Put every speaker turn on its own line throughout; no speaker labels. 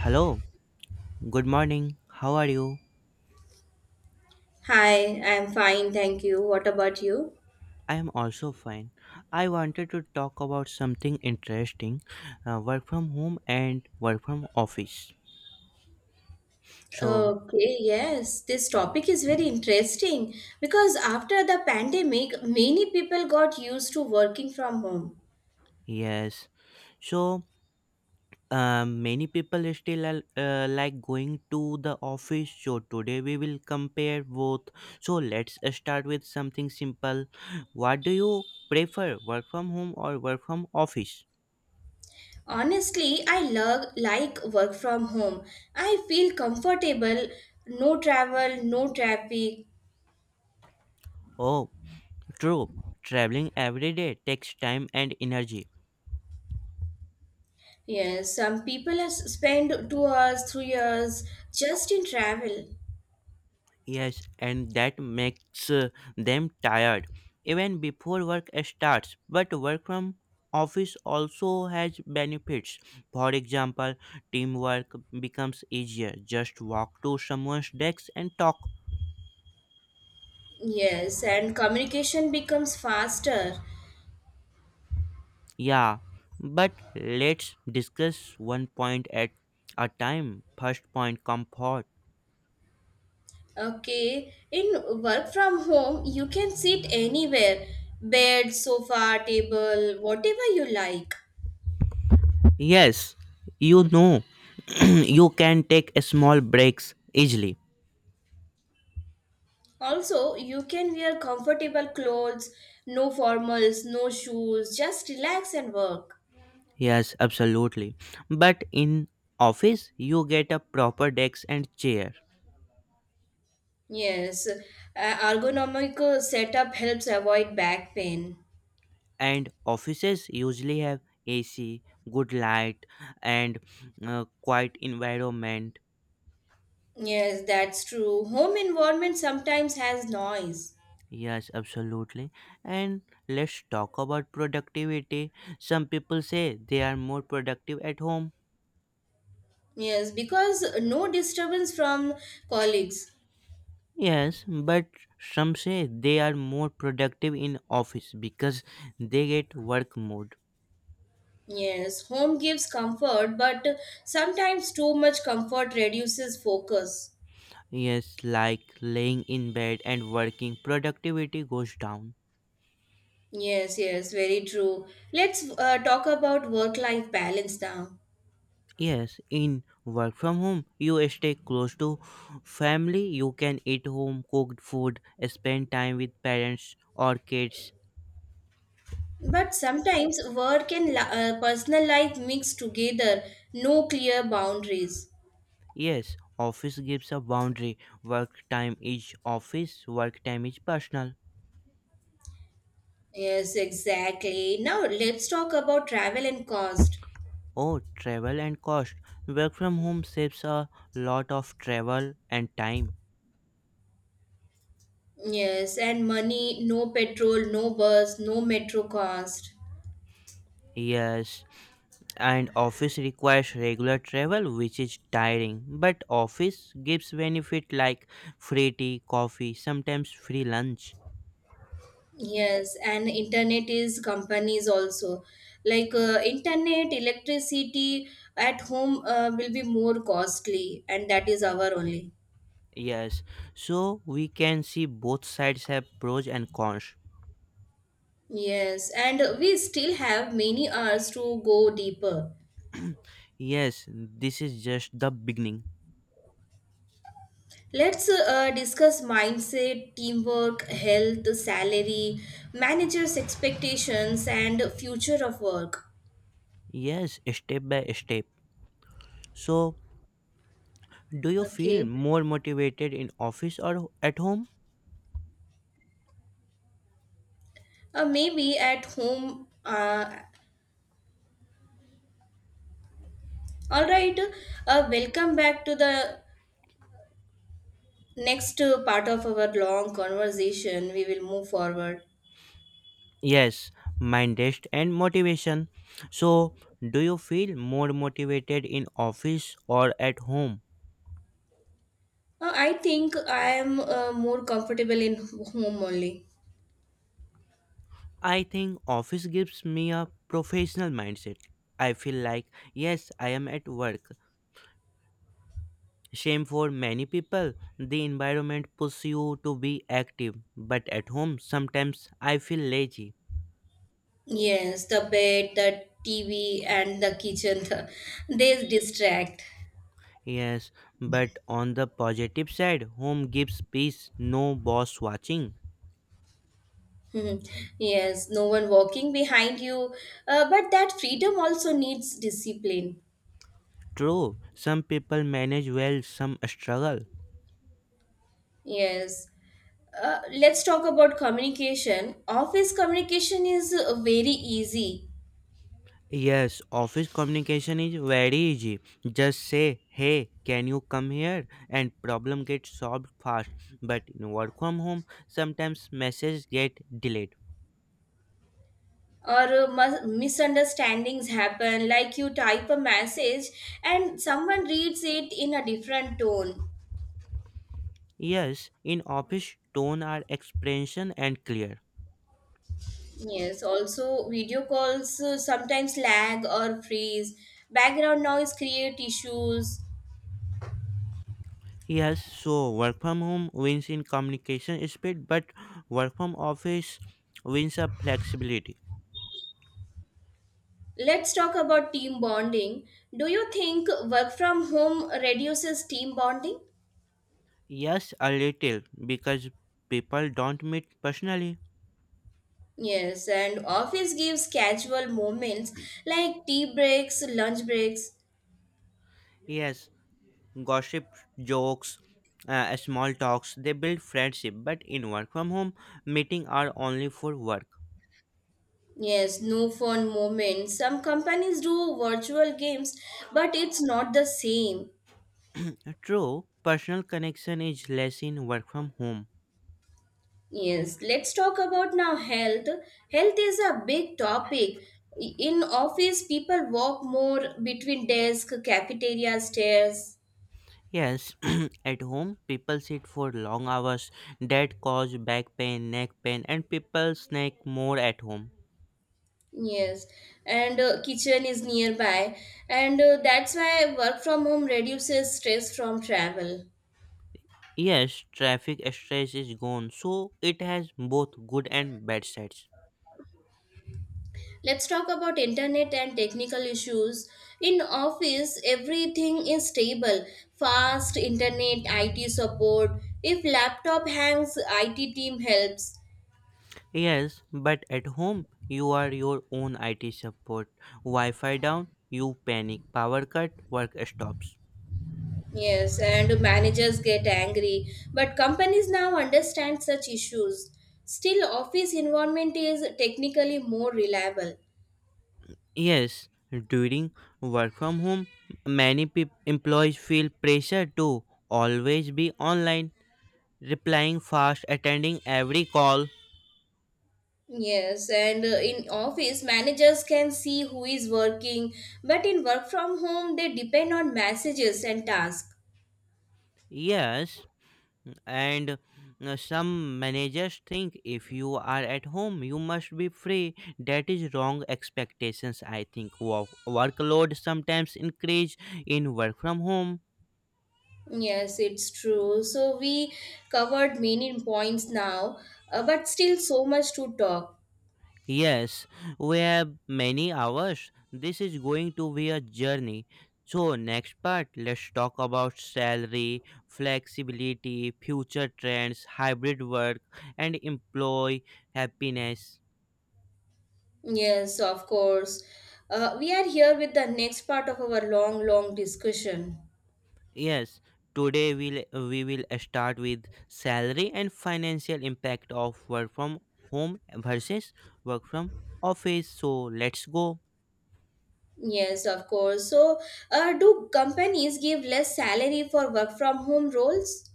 Hello, good morning. How are you?
Hi, I'm fine, thank you. What about you?
I am also fine. I wanted to talk about something interesting, work from home and work from office. So,
Okay, yes, this topic is very interesting because after the pandemic, many people got used to working from home.
yes, so many people still like going to the office. So, today we will compare both. So, let's start with something simple. What do you prefer, work from home or work from office?
Honestly, I love like work from home. I feel comfortable, no travel, no traffic.
Oh, true. Traveling every day takes time and energy.
Yes, some people spend 2 hours, 3 hours just in travel.
Yes, and that makes them tired even before work starts. But work from office also has benefits. For example, teamwork becomes easier. Just walk to someone's desk and talk.
Yes, and communication becomes faster.
Yeah, but let's discuss one point at a time. First point, comfort.
Okay, in work from home, you can sit anywhere, bed, sofa, table, whatever you like.
Yes, you know you can take small breaks easily.
Also, you can wear comfortable clothes, no formals, no shoes, just relax and work.
Yes, absolutely. But in office, you get a proper desk and chair.
Yes, ergonomic setup helps avoid back pain.
And offices usually have AC, good light, and quiet environment.
Yes, that's true. Home environment sometimes has noise.
Yes, absolutely. And let's talk about productivity. Some people say they are more productive at home.
Yes, because no disturbance from colleagues.
Yes, but some say they are more productive in office because they get work mode.
Yes, home gives comfort, but sometimes too much comfort reduces focus.
Yes, like laying in bed and working, productivity goes down.
Yes, yes, very true. Let's talk about work life balance now.
Yes, in work from home, you stay close to family, you can eat home cooked food, spend time with parents or kids.
But sometimes work and personal life mix together, no clear boundaries.
Yes, office gives a boundary. Work time is office, work time is personal.
Yes, exactly. Now let's talk about travel and cost.
Oh, travel and cost. Work from home saves a lot of travel and time.
Yes, and money, no petrol, no bus, no metro cost.
Yes, and office requires regular travel which is tiring, but office gives benefit like free tea, coffee, sometimes free lunch.
Yes, and internet is companies also. Like internet, electricity at home will be more costly, and that is our only.
Yes, so we can see both sides have pros and cons.
Yes, and we still have many hours to go deeper.
Yes, this is just the beginning.
Let's discuss mindset, teamwork, health, salary, managers' expectations, and future of work.
Yes, step by step. So, do you feel
Okay,
more motivated in office or at home?
maybe at home. All right, welcome back to the next part of our long conversation. We will move forward.
Yes, mind rest and motivation. So, do you feel more motivated in office or at home?
I think I am more comfortable in home only.
I think office gives me a professional mindset. I feel like, yes, I am at work. Shame for many people, the environment pushes you to be active, but at home, sometimes I feel lazy.
Yes, the bed, the TV, and the kitchen they distract.
Yes, but on the positive side, home gives peace, no boss watching.
Hmm. Yes, no one walking behind you. But that freedom also needs discipline.
True, some people manage well, some struggle.
Yes. Let's talk about communication. Office communication is very easy,
Yes, office communication is very easy. Just say, hey, can you come here? And problem gets solved fast. But in work from home, sometimes messages get delayed.
or misunderstandings happen. Like you type a message and someone reads it in a different tone.
Yes, in office, tone are expression and clear.
Yes, also video calls sometimes lag or freeze, background noise create issues.
Yes, so work from home wins in communication speed, but work from office wins of flexibility.
Let's talk about team bonding. Do you think work from home reduces team bonding?
Yes, a little, because people don't meet personally.
Yes, and office gives casual moments like tea breaks, lunch breaks.
Yes, gossip, jokes, small talks. They build friendship, but in work from home, meeting are only for work.
Yes, no fun moments. Some companies do virtual games, but it's not the same.
True, personal connection is less in work from home.
Yes, let's talk about now health. Health is a big topic. In office, people walk more between desk, cafeteria, stairs.
Yes, at home people sit for long hours that cause back pain, neck pain, and people snack more at home.
Yes, and kitchen is nearby, and that's why work from home reduces stress from travel.
Yes, traffic stress is gone, so it has both good and bad sides.
Let's talk about internet and technical issues. In office, everything is stable. Fast internet, IT support. If laptop hangs, IT team helps.
Yes, but at home, you are your own IT support. Wi Fi down, you panic. Power cut, work stops.
Yes, and managers get angry. But companies now understand such issues. Still, office environment is technically more reliable.
Yes, during work from home, many peop employees feel pressure to always be online, replying fast, attending every call.
Yes, and in office, managers can see who is working, but in work from home, they depend on messages and tasks.
Yes, and some managers think if you are at home you must be free. That is wrong expectations, I think. Workload sometimes increase in work from home.
Yes, it's true. So we covered many points now, but still so much to talk.
Yes, we have many hours. This is going to be a journey. So next part, let's talk about salary, flexibility, future trends, hybrid work, and employee happiness.
Yes, of course. We are here with the next part of our long, long discussion.
Yes, today we will start with salary and financial impact of work from home versus work from office. So let's go.
Yes, of course. So, do companies give less salary for work from home roles?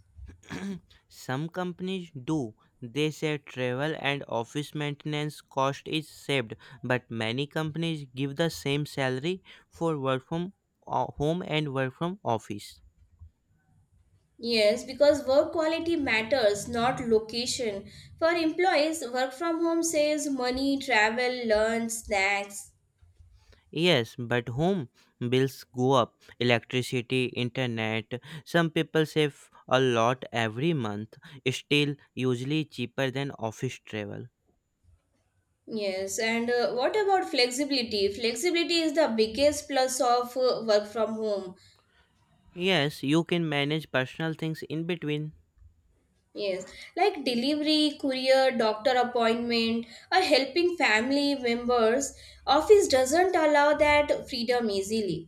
Some companies do. They say travel and office maintenance cost is saved, but many companies give the same salary for work from home and work from office.
Yes, because work quality matters, not location. For employees, work from home saves money, travel, lunch, snacks.
Yes, but home bills go up. Electricity, internet. Some people save a lot every month, still, usually cheaper than office travel.
Yes, and what about flexibility? Flexibility is the biggest plus of work from home.
Yes, you can manage personal things in between.
Yes, like delivery, courier, doctor appointment, or helping family members. Office doesn't allow that freedom easily.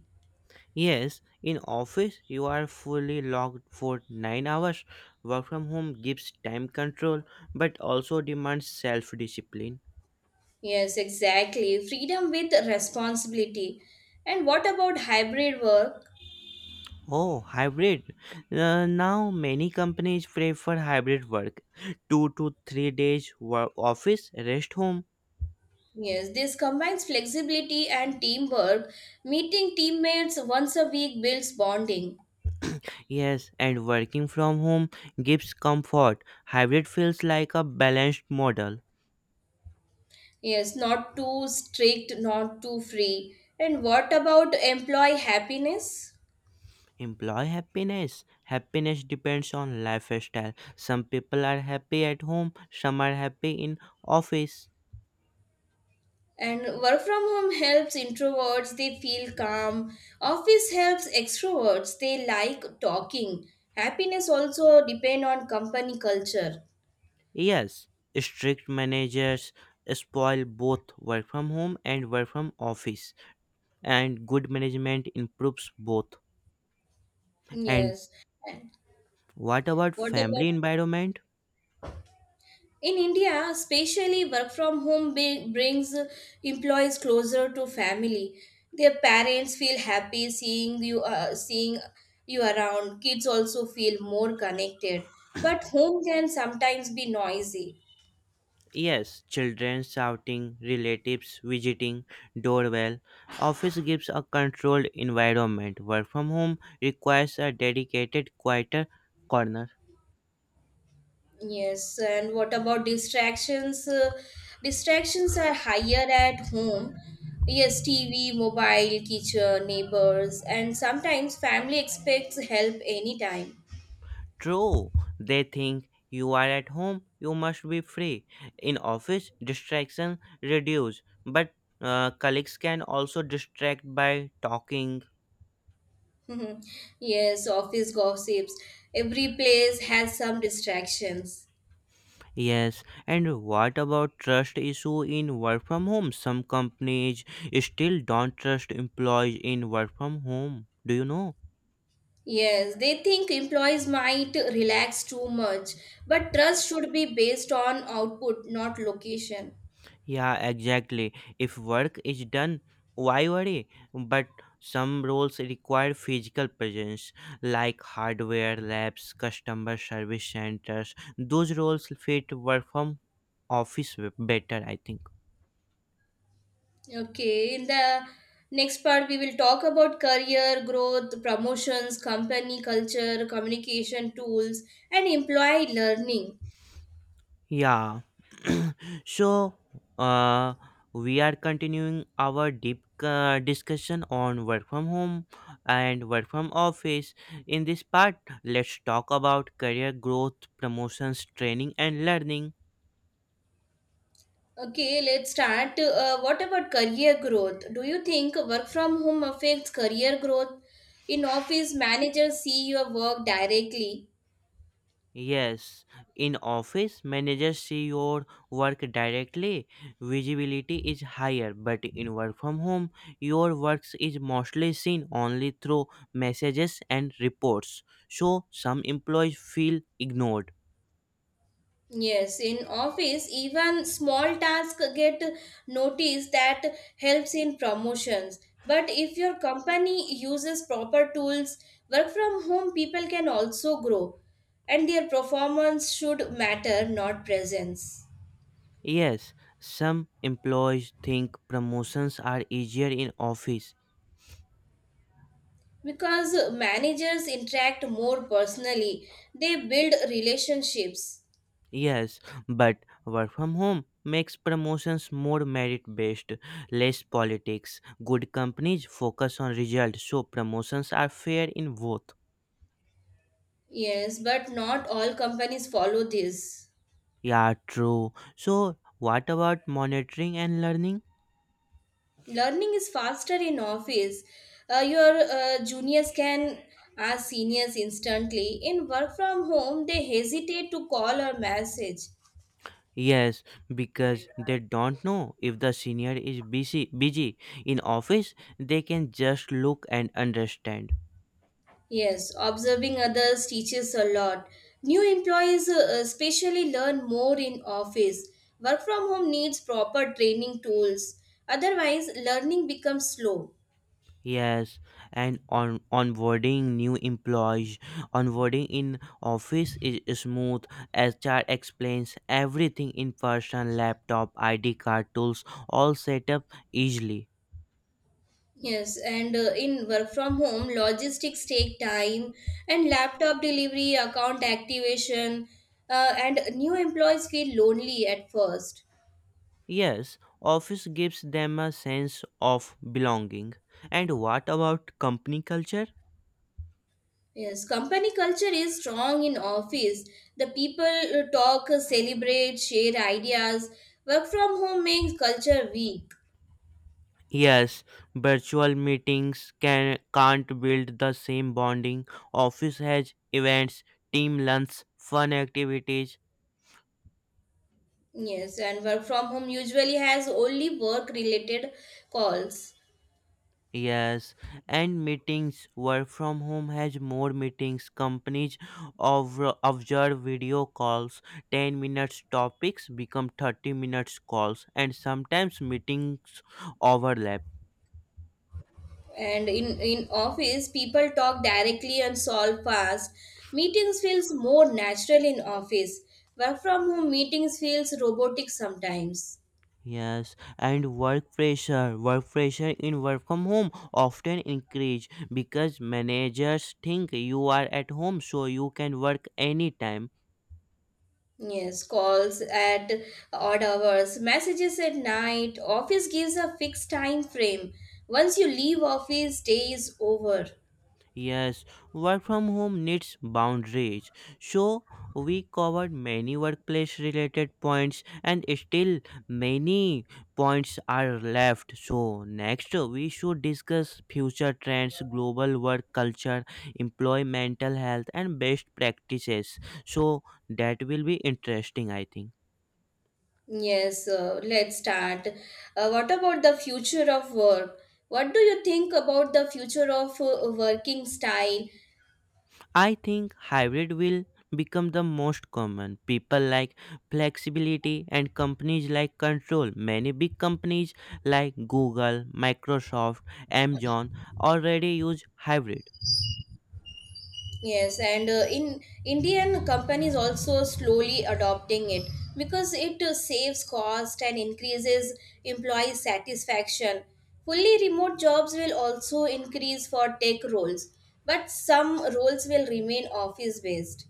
Yes, in office you are fully locked for 9 hours. Work from home gives time control but also demands self discipline.
Yes, exactly. Freedom with responsibility. And what about hybrid work?
Oh, hybrid. Now many companies prefer hybrid work. 2 to 3 days work office, rest home.
Yes, this combines flexibility and teamwork. Meeting teammates once a week builds bonding.
Yes, and working from home gives comfort. Hybrid feels like a balanced model.
Yes, not too strict, not too free. And what about employee happiness?
Employee happiness. Happiness depends on lifestyle. Some people are happy at home, some are happy in office.
And work from home helps introverts, they feel calm. Office helps extroverts, they like talking. Happiness also depend on company culture.
Yes, strict managers spoil both work from home and work from office, and good management improves both. And
Yes.
what about
What
family
about,
environment?
in India, especially work from home brings employees closer to family. Their parents feel happy seeing you, seeing you around. Kids also feel more connected. But home can sometimes be noisy.
Yes, children shouting, relatives visiting, doorbell. Office gives a controlled environment. Work from home requires a dedicated, quieter corner.
Yes, and what about distractions? Distractions are higher at home. Yes, TV, mobile, teacher, neighbors, and sometimes family expects help anytime.
True, they think you are at home, you must be free. In office, distraction reduce, but colleagues can also distract by talking.
Mhm. Yes, office gossips. Every place has some distractions.
Yes, and what about trust issue in work from home? Some companies still don't trust employees in work from home. Do you know?
Yes, they think employees might relax too much, but trust should be based on output, not location.
Yeah, exactly. If work is done, why worry? But some roles require physical presence, like hardware labs, customer service centers. Those roles fit work from office better, I think.
Okay, in the next part, we will talk about career growth, promotions, company culture, communication tools, and employee learning.
Yeah. So, uh, we are continuing our deep discussion on work from home and work from office. In this part, let's talk about career growth, promotions, training, and learning.
Okay, let's start. What about career growth? Do you think work from home affects career growth? In office, managers see your work directly.
Yes, in office, managers see your work directly. Visibility is higher, but in work from home, your works is mostly seen only through messages and reports. So, some employees feel ignored.
Yes, in office, even small tasks get noticed, that helps in promotions. But if your company uses proper tools, work from home people can also grow, and their performance should matter, not presence.
Yes, some employees think promotions are easier in office.
Because managers interact more personally, they build relationships.
Yes, but work from home makes promotions more merit based, less politics. Good companies focus on results, so promotions are fair in both.
Yes, but not all companies follow this.
Yeah, true. So, what about monitoring and learning?
Learning is faster in office. Your juniors can ask seniors instantly. In work from home they hesitate to call or message.
Yes, because they don't know if the senior is busy in office, they can just look and understand.
Yes, observing others teaches a lot. New employees especially learn more in office. Work from home needs proper training tools. Otherwise, learning becomes slow.
Yes, and on onboarding new employees, onboarding in office is smooth. HR explains everything in person, laptop, ID card, tools, all set up easily.
Yes, and in work from home, logistics take time, and laptop delivery, account activation, and new employees feel lonely at first.
Yes, office gives them a sense of belonging. And what about company culture?
Yes, company culture is strong in office. The people talk, celebrate, share ideas. Work from home makes culture weak.
Yes, virtual meetings can't build the same bonding. Office has events, team lunch, fun activities.
Yes, and work from home usually has only work related calls.
Yes, and meetings work from home has more meetings. Companies over observe video calls, 10 minutes topics become 30 minutes calls, and sometimes meetings overlap.
And in office, people talk directly and solve fast. Meetings feels more natural in office. Work from home meetings feels robotic sometimes.
Yes, and work pressure. Work pressure in work from home often increase because managers think you are at home, so you can work anytime.
Yes, calls at odd hours, messages at night. Office gives a fixed time frame. Once you leave office, day is over.
Yes, work from home needs boundaries. So, we covered many workplace related points and still many points are left. So, next we should discuss future trends, global work culture, employee mental health and best practices. So, that will be interesting, I think.
Yes, let's start. What about the future of work? What do you think about the future of working style?
I think hybrid will become the most common. People like flexibility and companies like control. Many big companies like Google, Microsoft, Amazon already use hybrid.
Yes, and in Indian companies also slowly adopting it because it saves cost and increases employee satisfaction. Fully remote jobs will also increase for tech roles, but some roles will remain office based.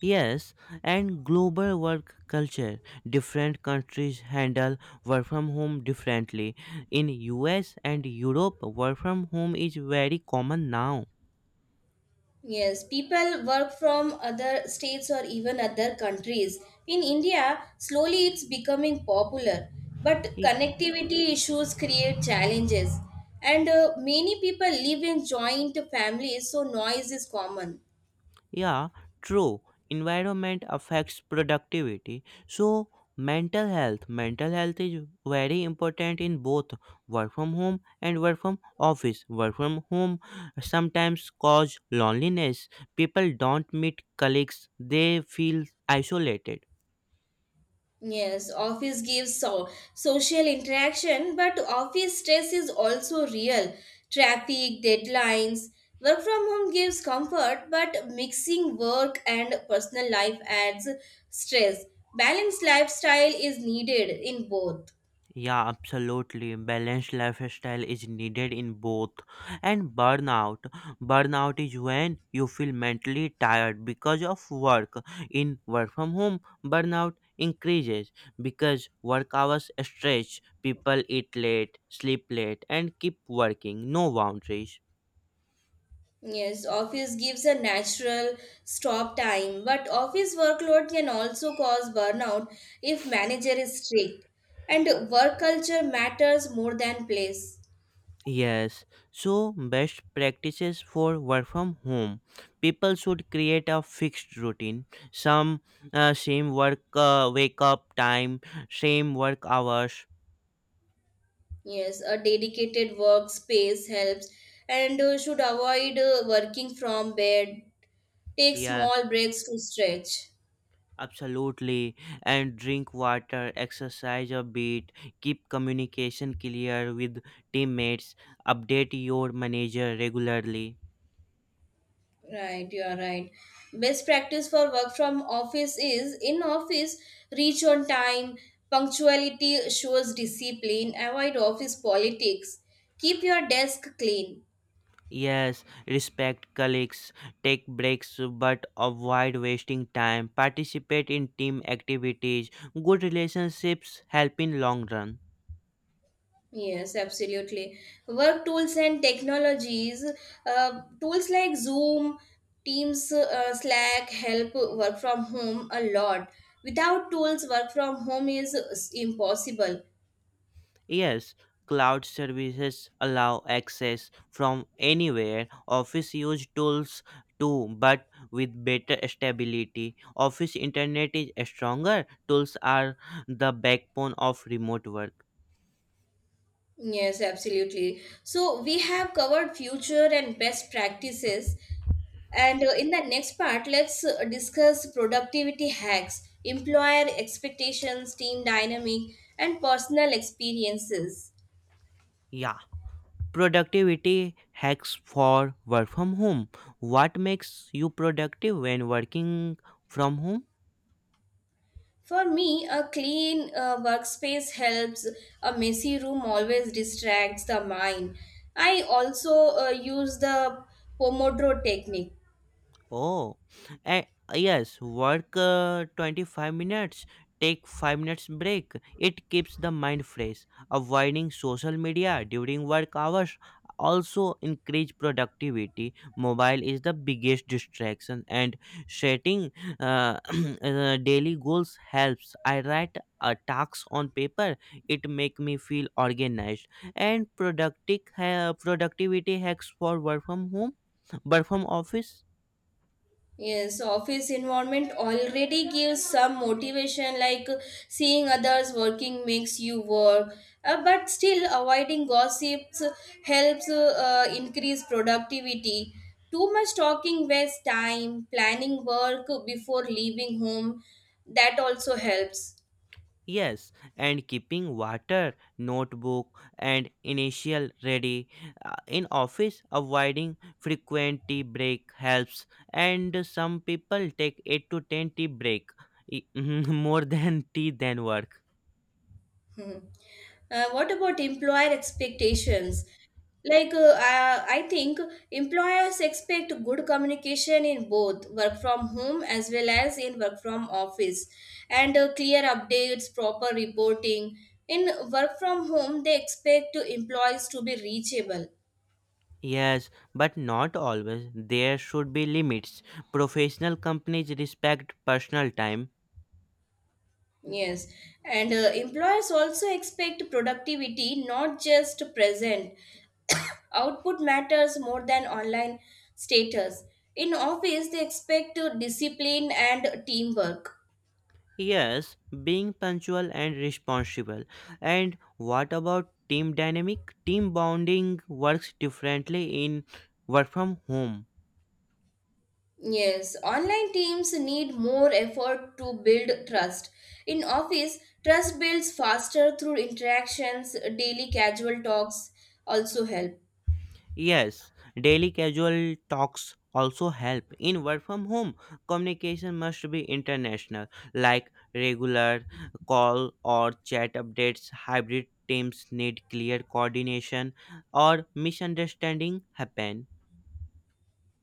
Yes, and global work culture. Different countries handle work from home differently. In US and Europe, work from home is very common now.
Yes, people work from other states or even other countries. In India, slowly it's becoming popular, but connectivity issues create challenges. And many people live in joint families, so noise is common.
Yeah, true. Environment affects productivity. So, mental health. Mental health is very important in both work from home and work from office. Work from home sometimes cause loneliness. People don't meet colleagues. They feel isolated.
Yes, office gives so social interaction, but office stress is also real. Traffic, deadlines. Work from home gives comfort, but mixing work and personal life adds stress. Balanced lifestyle is needed in both.
Yeah, absolutely. Balanced lifestyle is needed in both. And burnout. Burnout is when you feel mentally tired because of work. In work from home, burnout increases because work hours stretch, people eat late, sleep late, and keep working. No boundaries.
Yes, office gives a natural stop time, but office workload can also cause burnout if manager is strict. And work culture matters more than place.
Yes, so best practices for work from home. People should create a fixed routine. Some same work wake up time, same work hours.
Yes, a dedicated workspace helps, and should avoid working from bed. Take
Yeah,
small breaks to stretch.
absolutely. And drink water, exercise a bit, keep communication clear with teammates, update your manager regularly.
Right, you are right. Best practice for work from office is, in office, reach on time. Punctuality shows discipline. Avoid office politics. Keep your desk clean.
Yes, respect colleagues, take breaks but avoid wasting time, participate in team activities, good relationships help in long run.
Yes, absolutely. Work tools and technologies, tools like Zoom, Teams, Slack help work from home a lot. Without tools, work from home is impossible.
Yes, cloud services allow access from anywhere. Office use tools too, but with better stability. Office internet is stronger. Tools are the backbone of remote work.
Yes, absolutely. So we have covered future and best practices. And in the next part, let's discuss productivity hacks, employer expectations, team dynamic, and personal experiences.
Yeah. Productivity hacks for work from home. What makes you productive when working from home?
For me, a clean workspace helps. A messy room always distracts the mind. I also use the Pomodoro technique.
Oh, and yes, work 25 minutes, take 5 minutes break. It keeps the mind fresh. Avoiding social media during work hours also increase productivity. Mobile is the biggest distraction, and setting uh, daily goals helps. I write a task on paper. It make me feel organized and productive. Productivity hacks for work from home, work from office.
Yes, office environment already gives some motivation, like seeing others working makes you work. But still, avoiding gossips helps increase productivity. Too much talking wastes time. Planning work before leaving home, that also helps.
Yes, and keeping water, notebook, and initial ready. In office, avoiding frequent tea break helps, and some people take 8 to 10 tea break e- more than tea than work.
Mhm. What about employer expectations? Like, I think employers expect good communication in both work from home as well as in work from office, and clear updates, proper reporting. In work from home, they expect employees to be reachable.
Yes, but not always. There should be limits. Professional companies respect personal time.
Yes, and employers also expect productivity, not just present. Output matters more than online status. In office, they expect discipline and teamwork.
Yes, being punctual and responsible. And what about team dynamic? Team bonding works differently in work from home.
Yes, online teams need more effort to build trust. In office, trust builds faster through interactions, daily casual talks also help.
Yes, daily casual talks also help. In work from home, communication must be international, like regular call or chat updates. Hybrid teams need clear coordination or misunderstanding happen.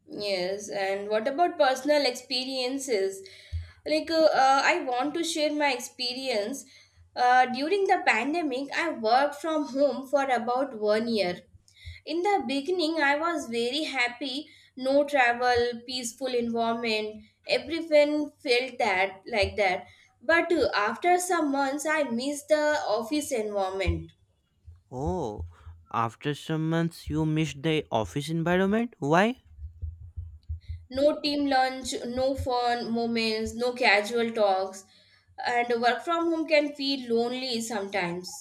Yes, and what about personal experiences? Like, I want to share my experience. During the pandemic, I worked from home for about one year. In the beginning, I was very happy. No travel, peaceful environment. Everyone felt that like that. But after some months, I missed the office environment.
Oh, after some months you miss the office environment? Why?
No team lunch, no fun moments, no casual talks, and work from home can feel lonely sometimes.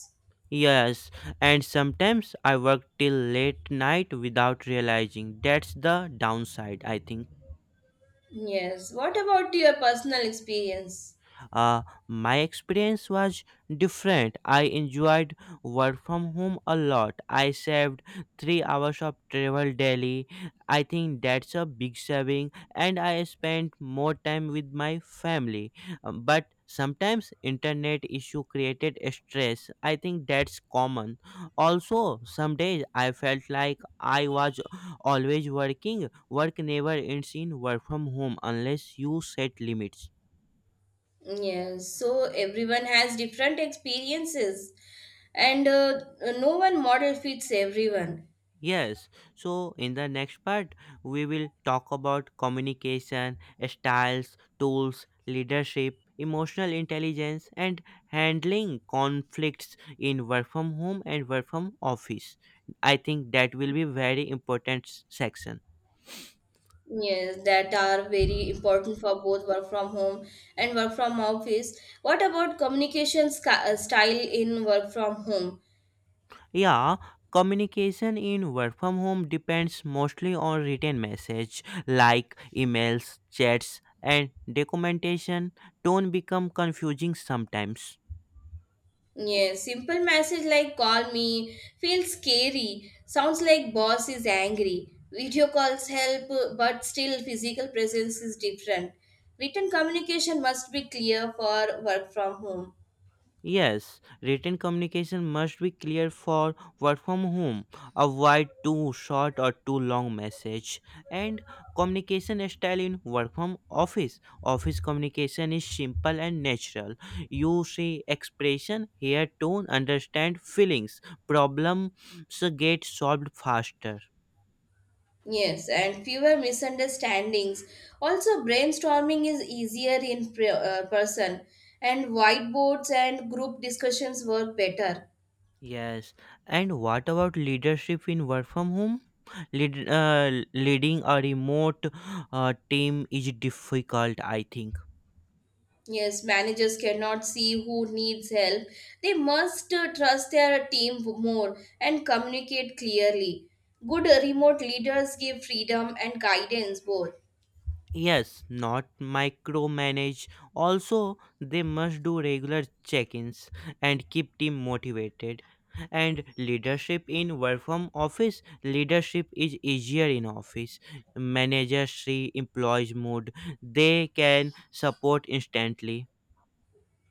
Yes, and sometimes I work till late night without realizing. That's the downside, I think.
Yes. What about your personal experience?
Uh, my experience was different. I enjoyed work from home a lot. I saved 3 hours of travel daily. I think that's a big saving, and I spent more time with my family. But sometimes internet issue created stress. I think that's common. Also, some days I felt like I was always working. Work never ends in work from home unless you set limits.
Yes. So everyone has different experiences, and no one model fits everyone.
Yes, so in the next part, we will talk about communication, styles, tools, leadership, emotional intelligence, and handling conflicts in work from home and work from office. I think that will be very important section.
Yes, that are very important for both work from home and work from office. What about communication style in work from home?
Yeah, communication in work from home depends mostly on written message like emails, chats, and documentation. Don't become confusing sometimes.
Yeah, simple message like call me feels scary. Sounds like boss is angry. Video calls help, but still physical presence is different. Written communication must be clear for work from home.
Yes, written communication must be clear for work from home. Avoid too short or too long message. And communication style in work from office. Office communication is simple and natural. You see expression, hear tone, understand feelings. Problems get solved faster.
Yes, and fewer misunderstandings. Also, brainstorming is easier in person, and whiteboards and group discussions work better.
Yes, and what about leadership in work from home? Leading a remote team is difficult, I think.
Yes, managers cannot see who needs help. They must trust their team more and communicate clearly. Good remote leaders give freedom and guidance both.
Yes, not micromanage. Also, they must do regular check ins and keep team motivated. And leadership in work from office, leadership is easier in office. Managers see employees' mood, they can support instantly.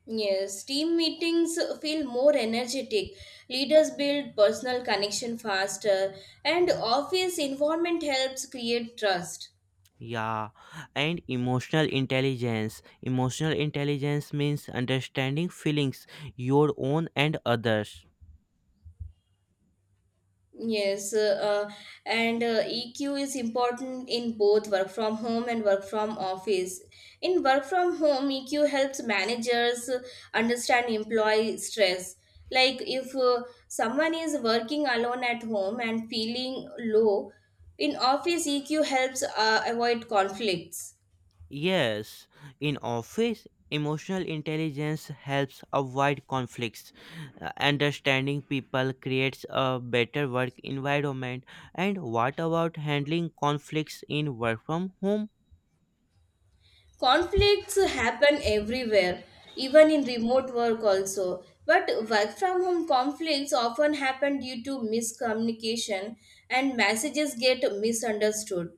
Yes, team meetings feel more energetic. Leaders build personal connection faster, and office environment helps create trust.
Yeah, and emotional intelligence. Emotional intelligence means understanding feelings, your own and others.
Yes, and EQ is important in both work from home and work from office. In work from home, EQ helps managers understand employee stress. Like if someone is working alone at home and feeling low, in office EQ helps avoid conflicts.
Yes, in office, emotional intelligence helps avoid conflicts. Understanding people creates a better work environment. And what about handling conflicts in work from home?
Conflicts happen everywhere, even in remote work also, but work from home conflicts often happen due to miscommunication, and messages get misunderstood.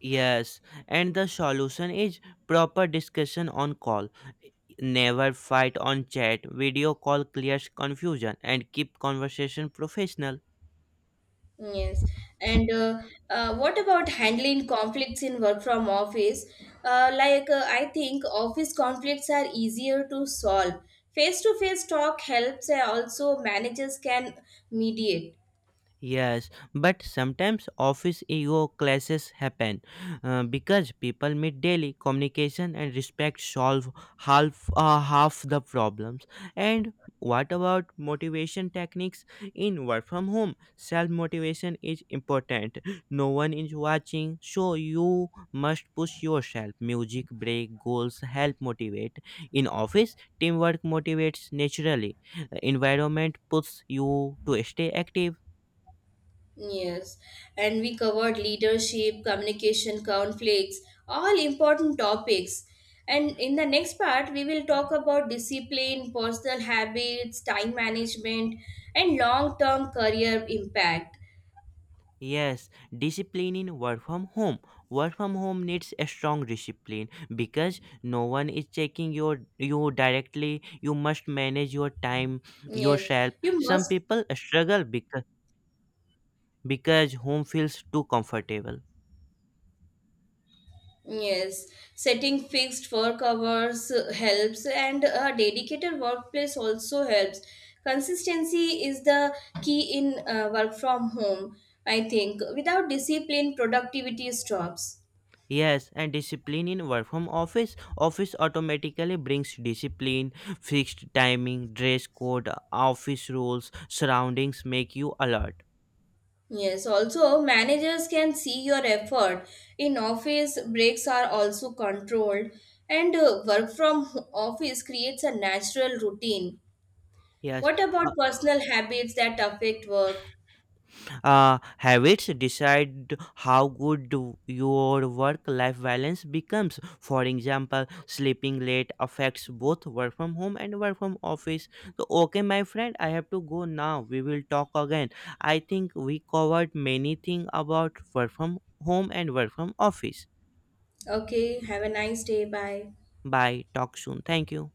Yes, and the solution is proper discussion on call. Never fight on chat. Video call clears confusion and keep conversation professional.
Yes, and what about handling conflicts in work from office? I think office conflicts are easier to solve. Face to face talk helps, and also managers can mediate.
Yes, but sometimes office ego clashes happen because people meet daily. Communication and respect solve half the problems. And what about motivation techniques in work from home? Self motivation is important. No one is watching, so you must push yourself. Music break goals help motivate. In office, teamwork motivates naturally. Environment puts you to stay active.
Yes, and we covered leadership, communication, conflicts, all important topics. And in the next part, we will talk about discipline, personal habits, time management, and long term career impact.
Yes, discipline in work from home. Work from home needs a strong discipline because no one is checking you directly. You must manage your time
Yes,
yourself.
you
Some
must.
people struggle because home feels too comfortable.
Yes, setting fixed work hours helps, and a dedicated workplace also helps. Consistency is the key in work from home, I think. Without discipline, productivity stops.
Yes, and discipline in work from office. Office automatically brings discipline, fixed timing, dress code, office rules, surroundings make you alert.
Yes, also, managers can see your effort. In office, breaks are also controlled, and work from office creates a natural routine.
Yes,
What about
uh,
personal habits that affect work?
habits decide how good your work life balance becomes. For example, sleeping late affects both work from home and work from office. So okay, my friend, I have to go now. We will talk again. I think we covered many things about work from home and work from office.
Okay, have a nice day. Bye.
Bye, talk soon, thank you.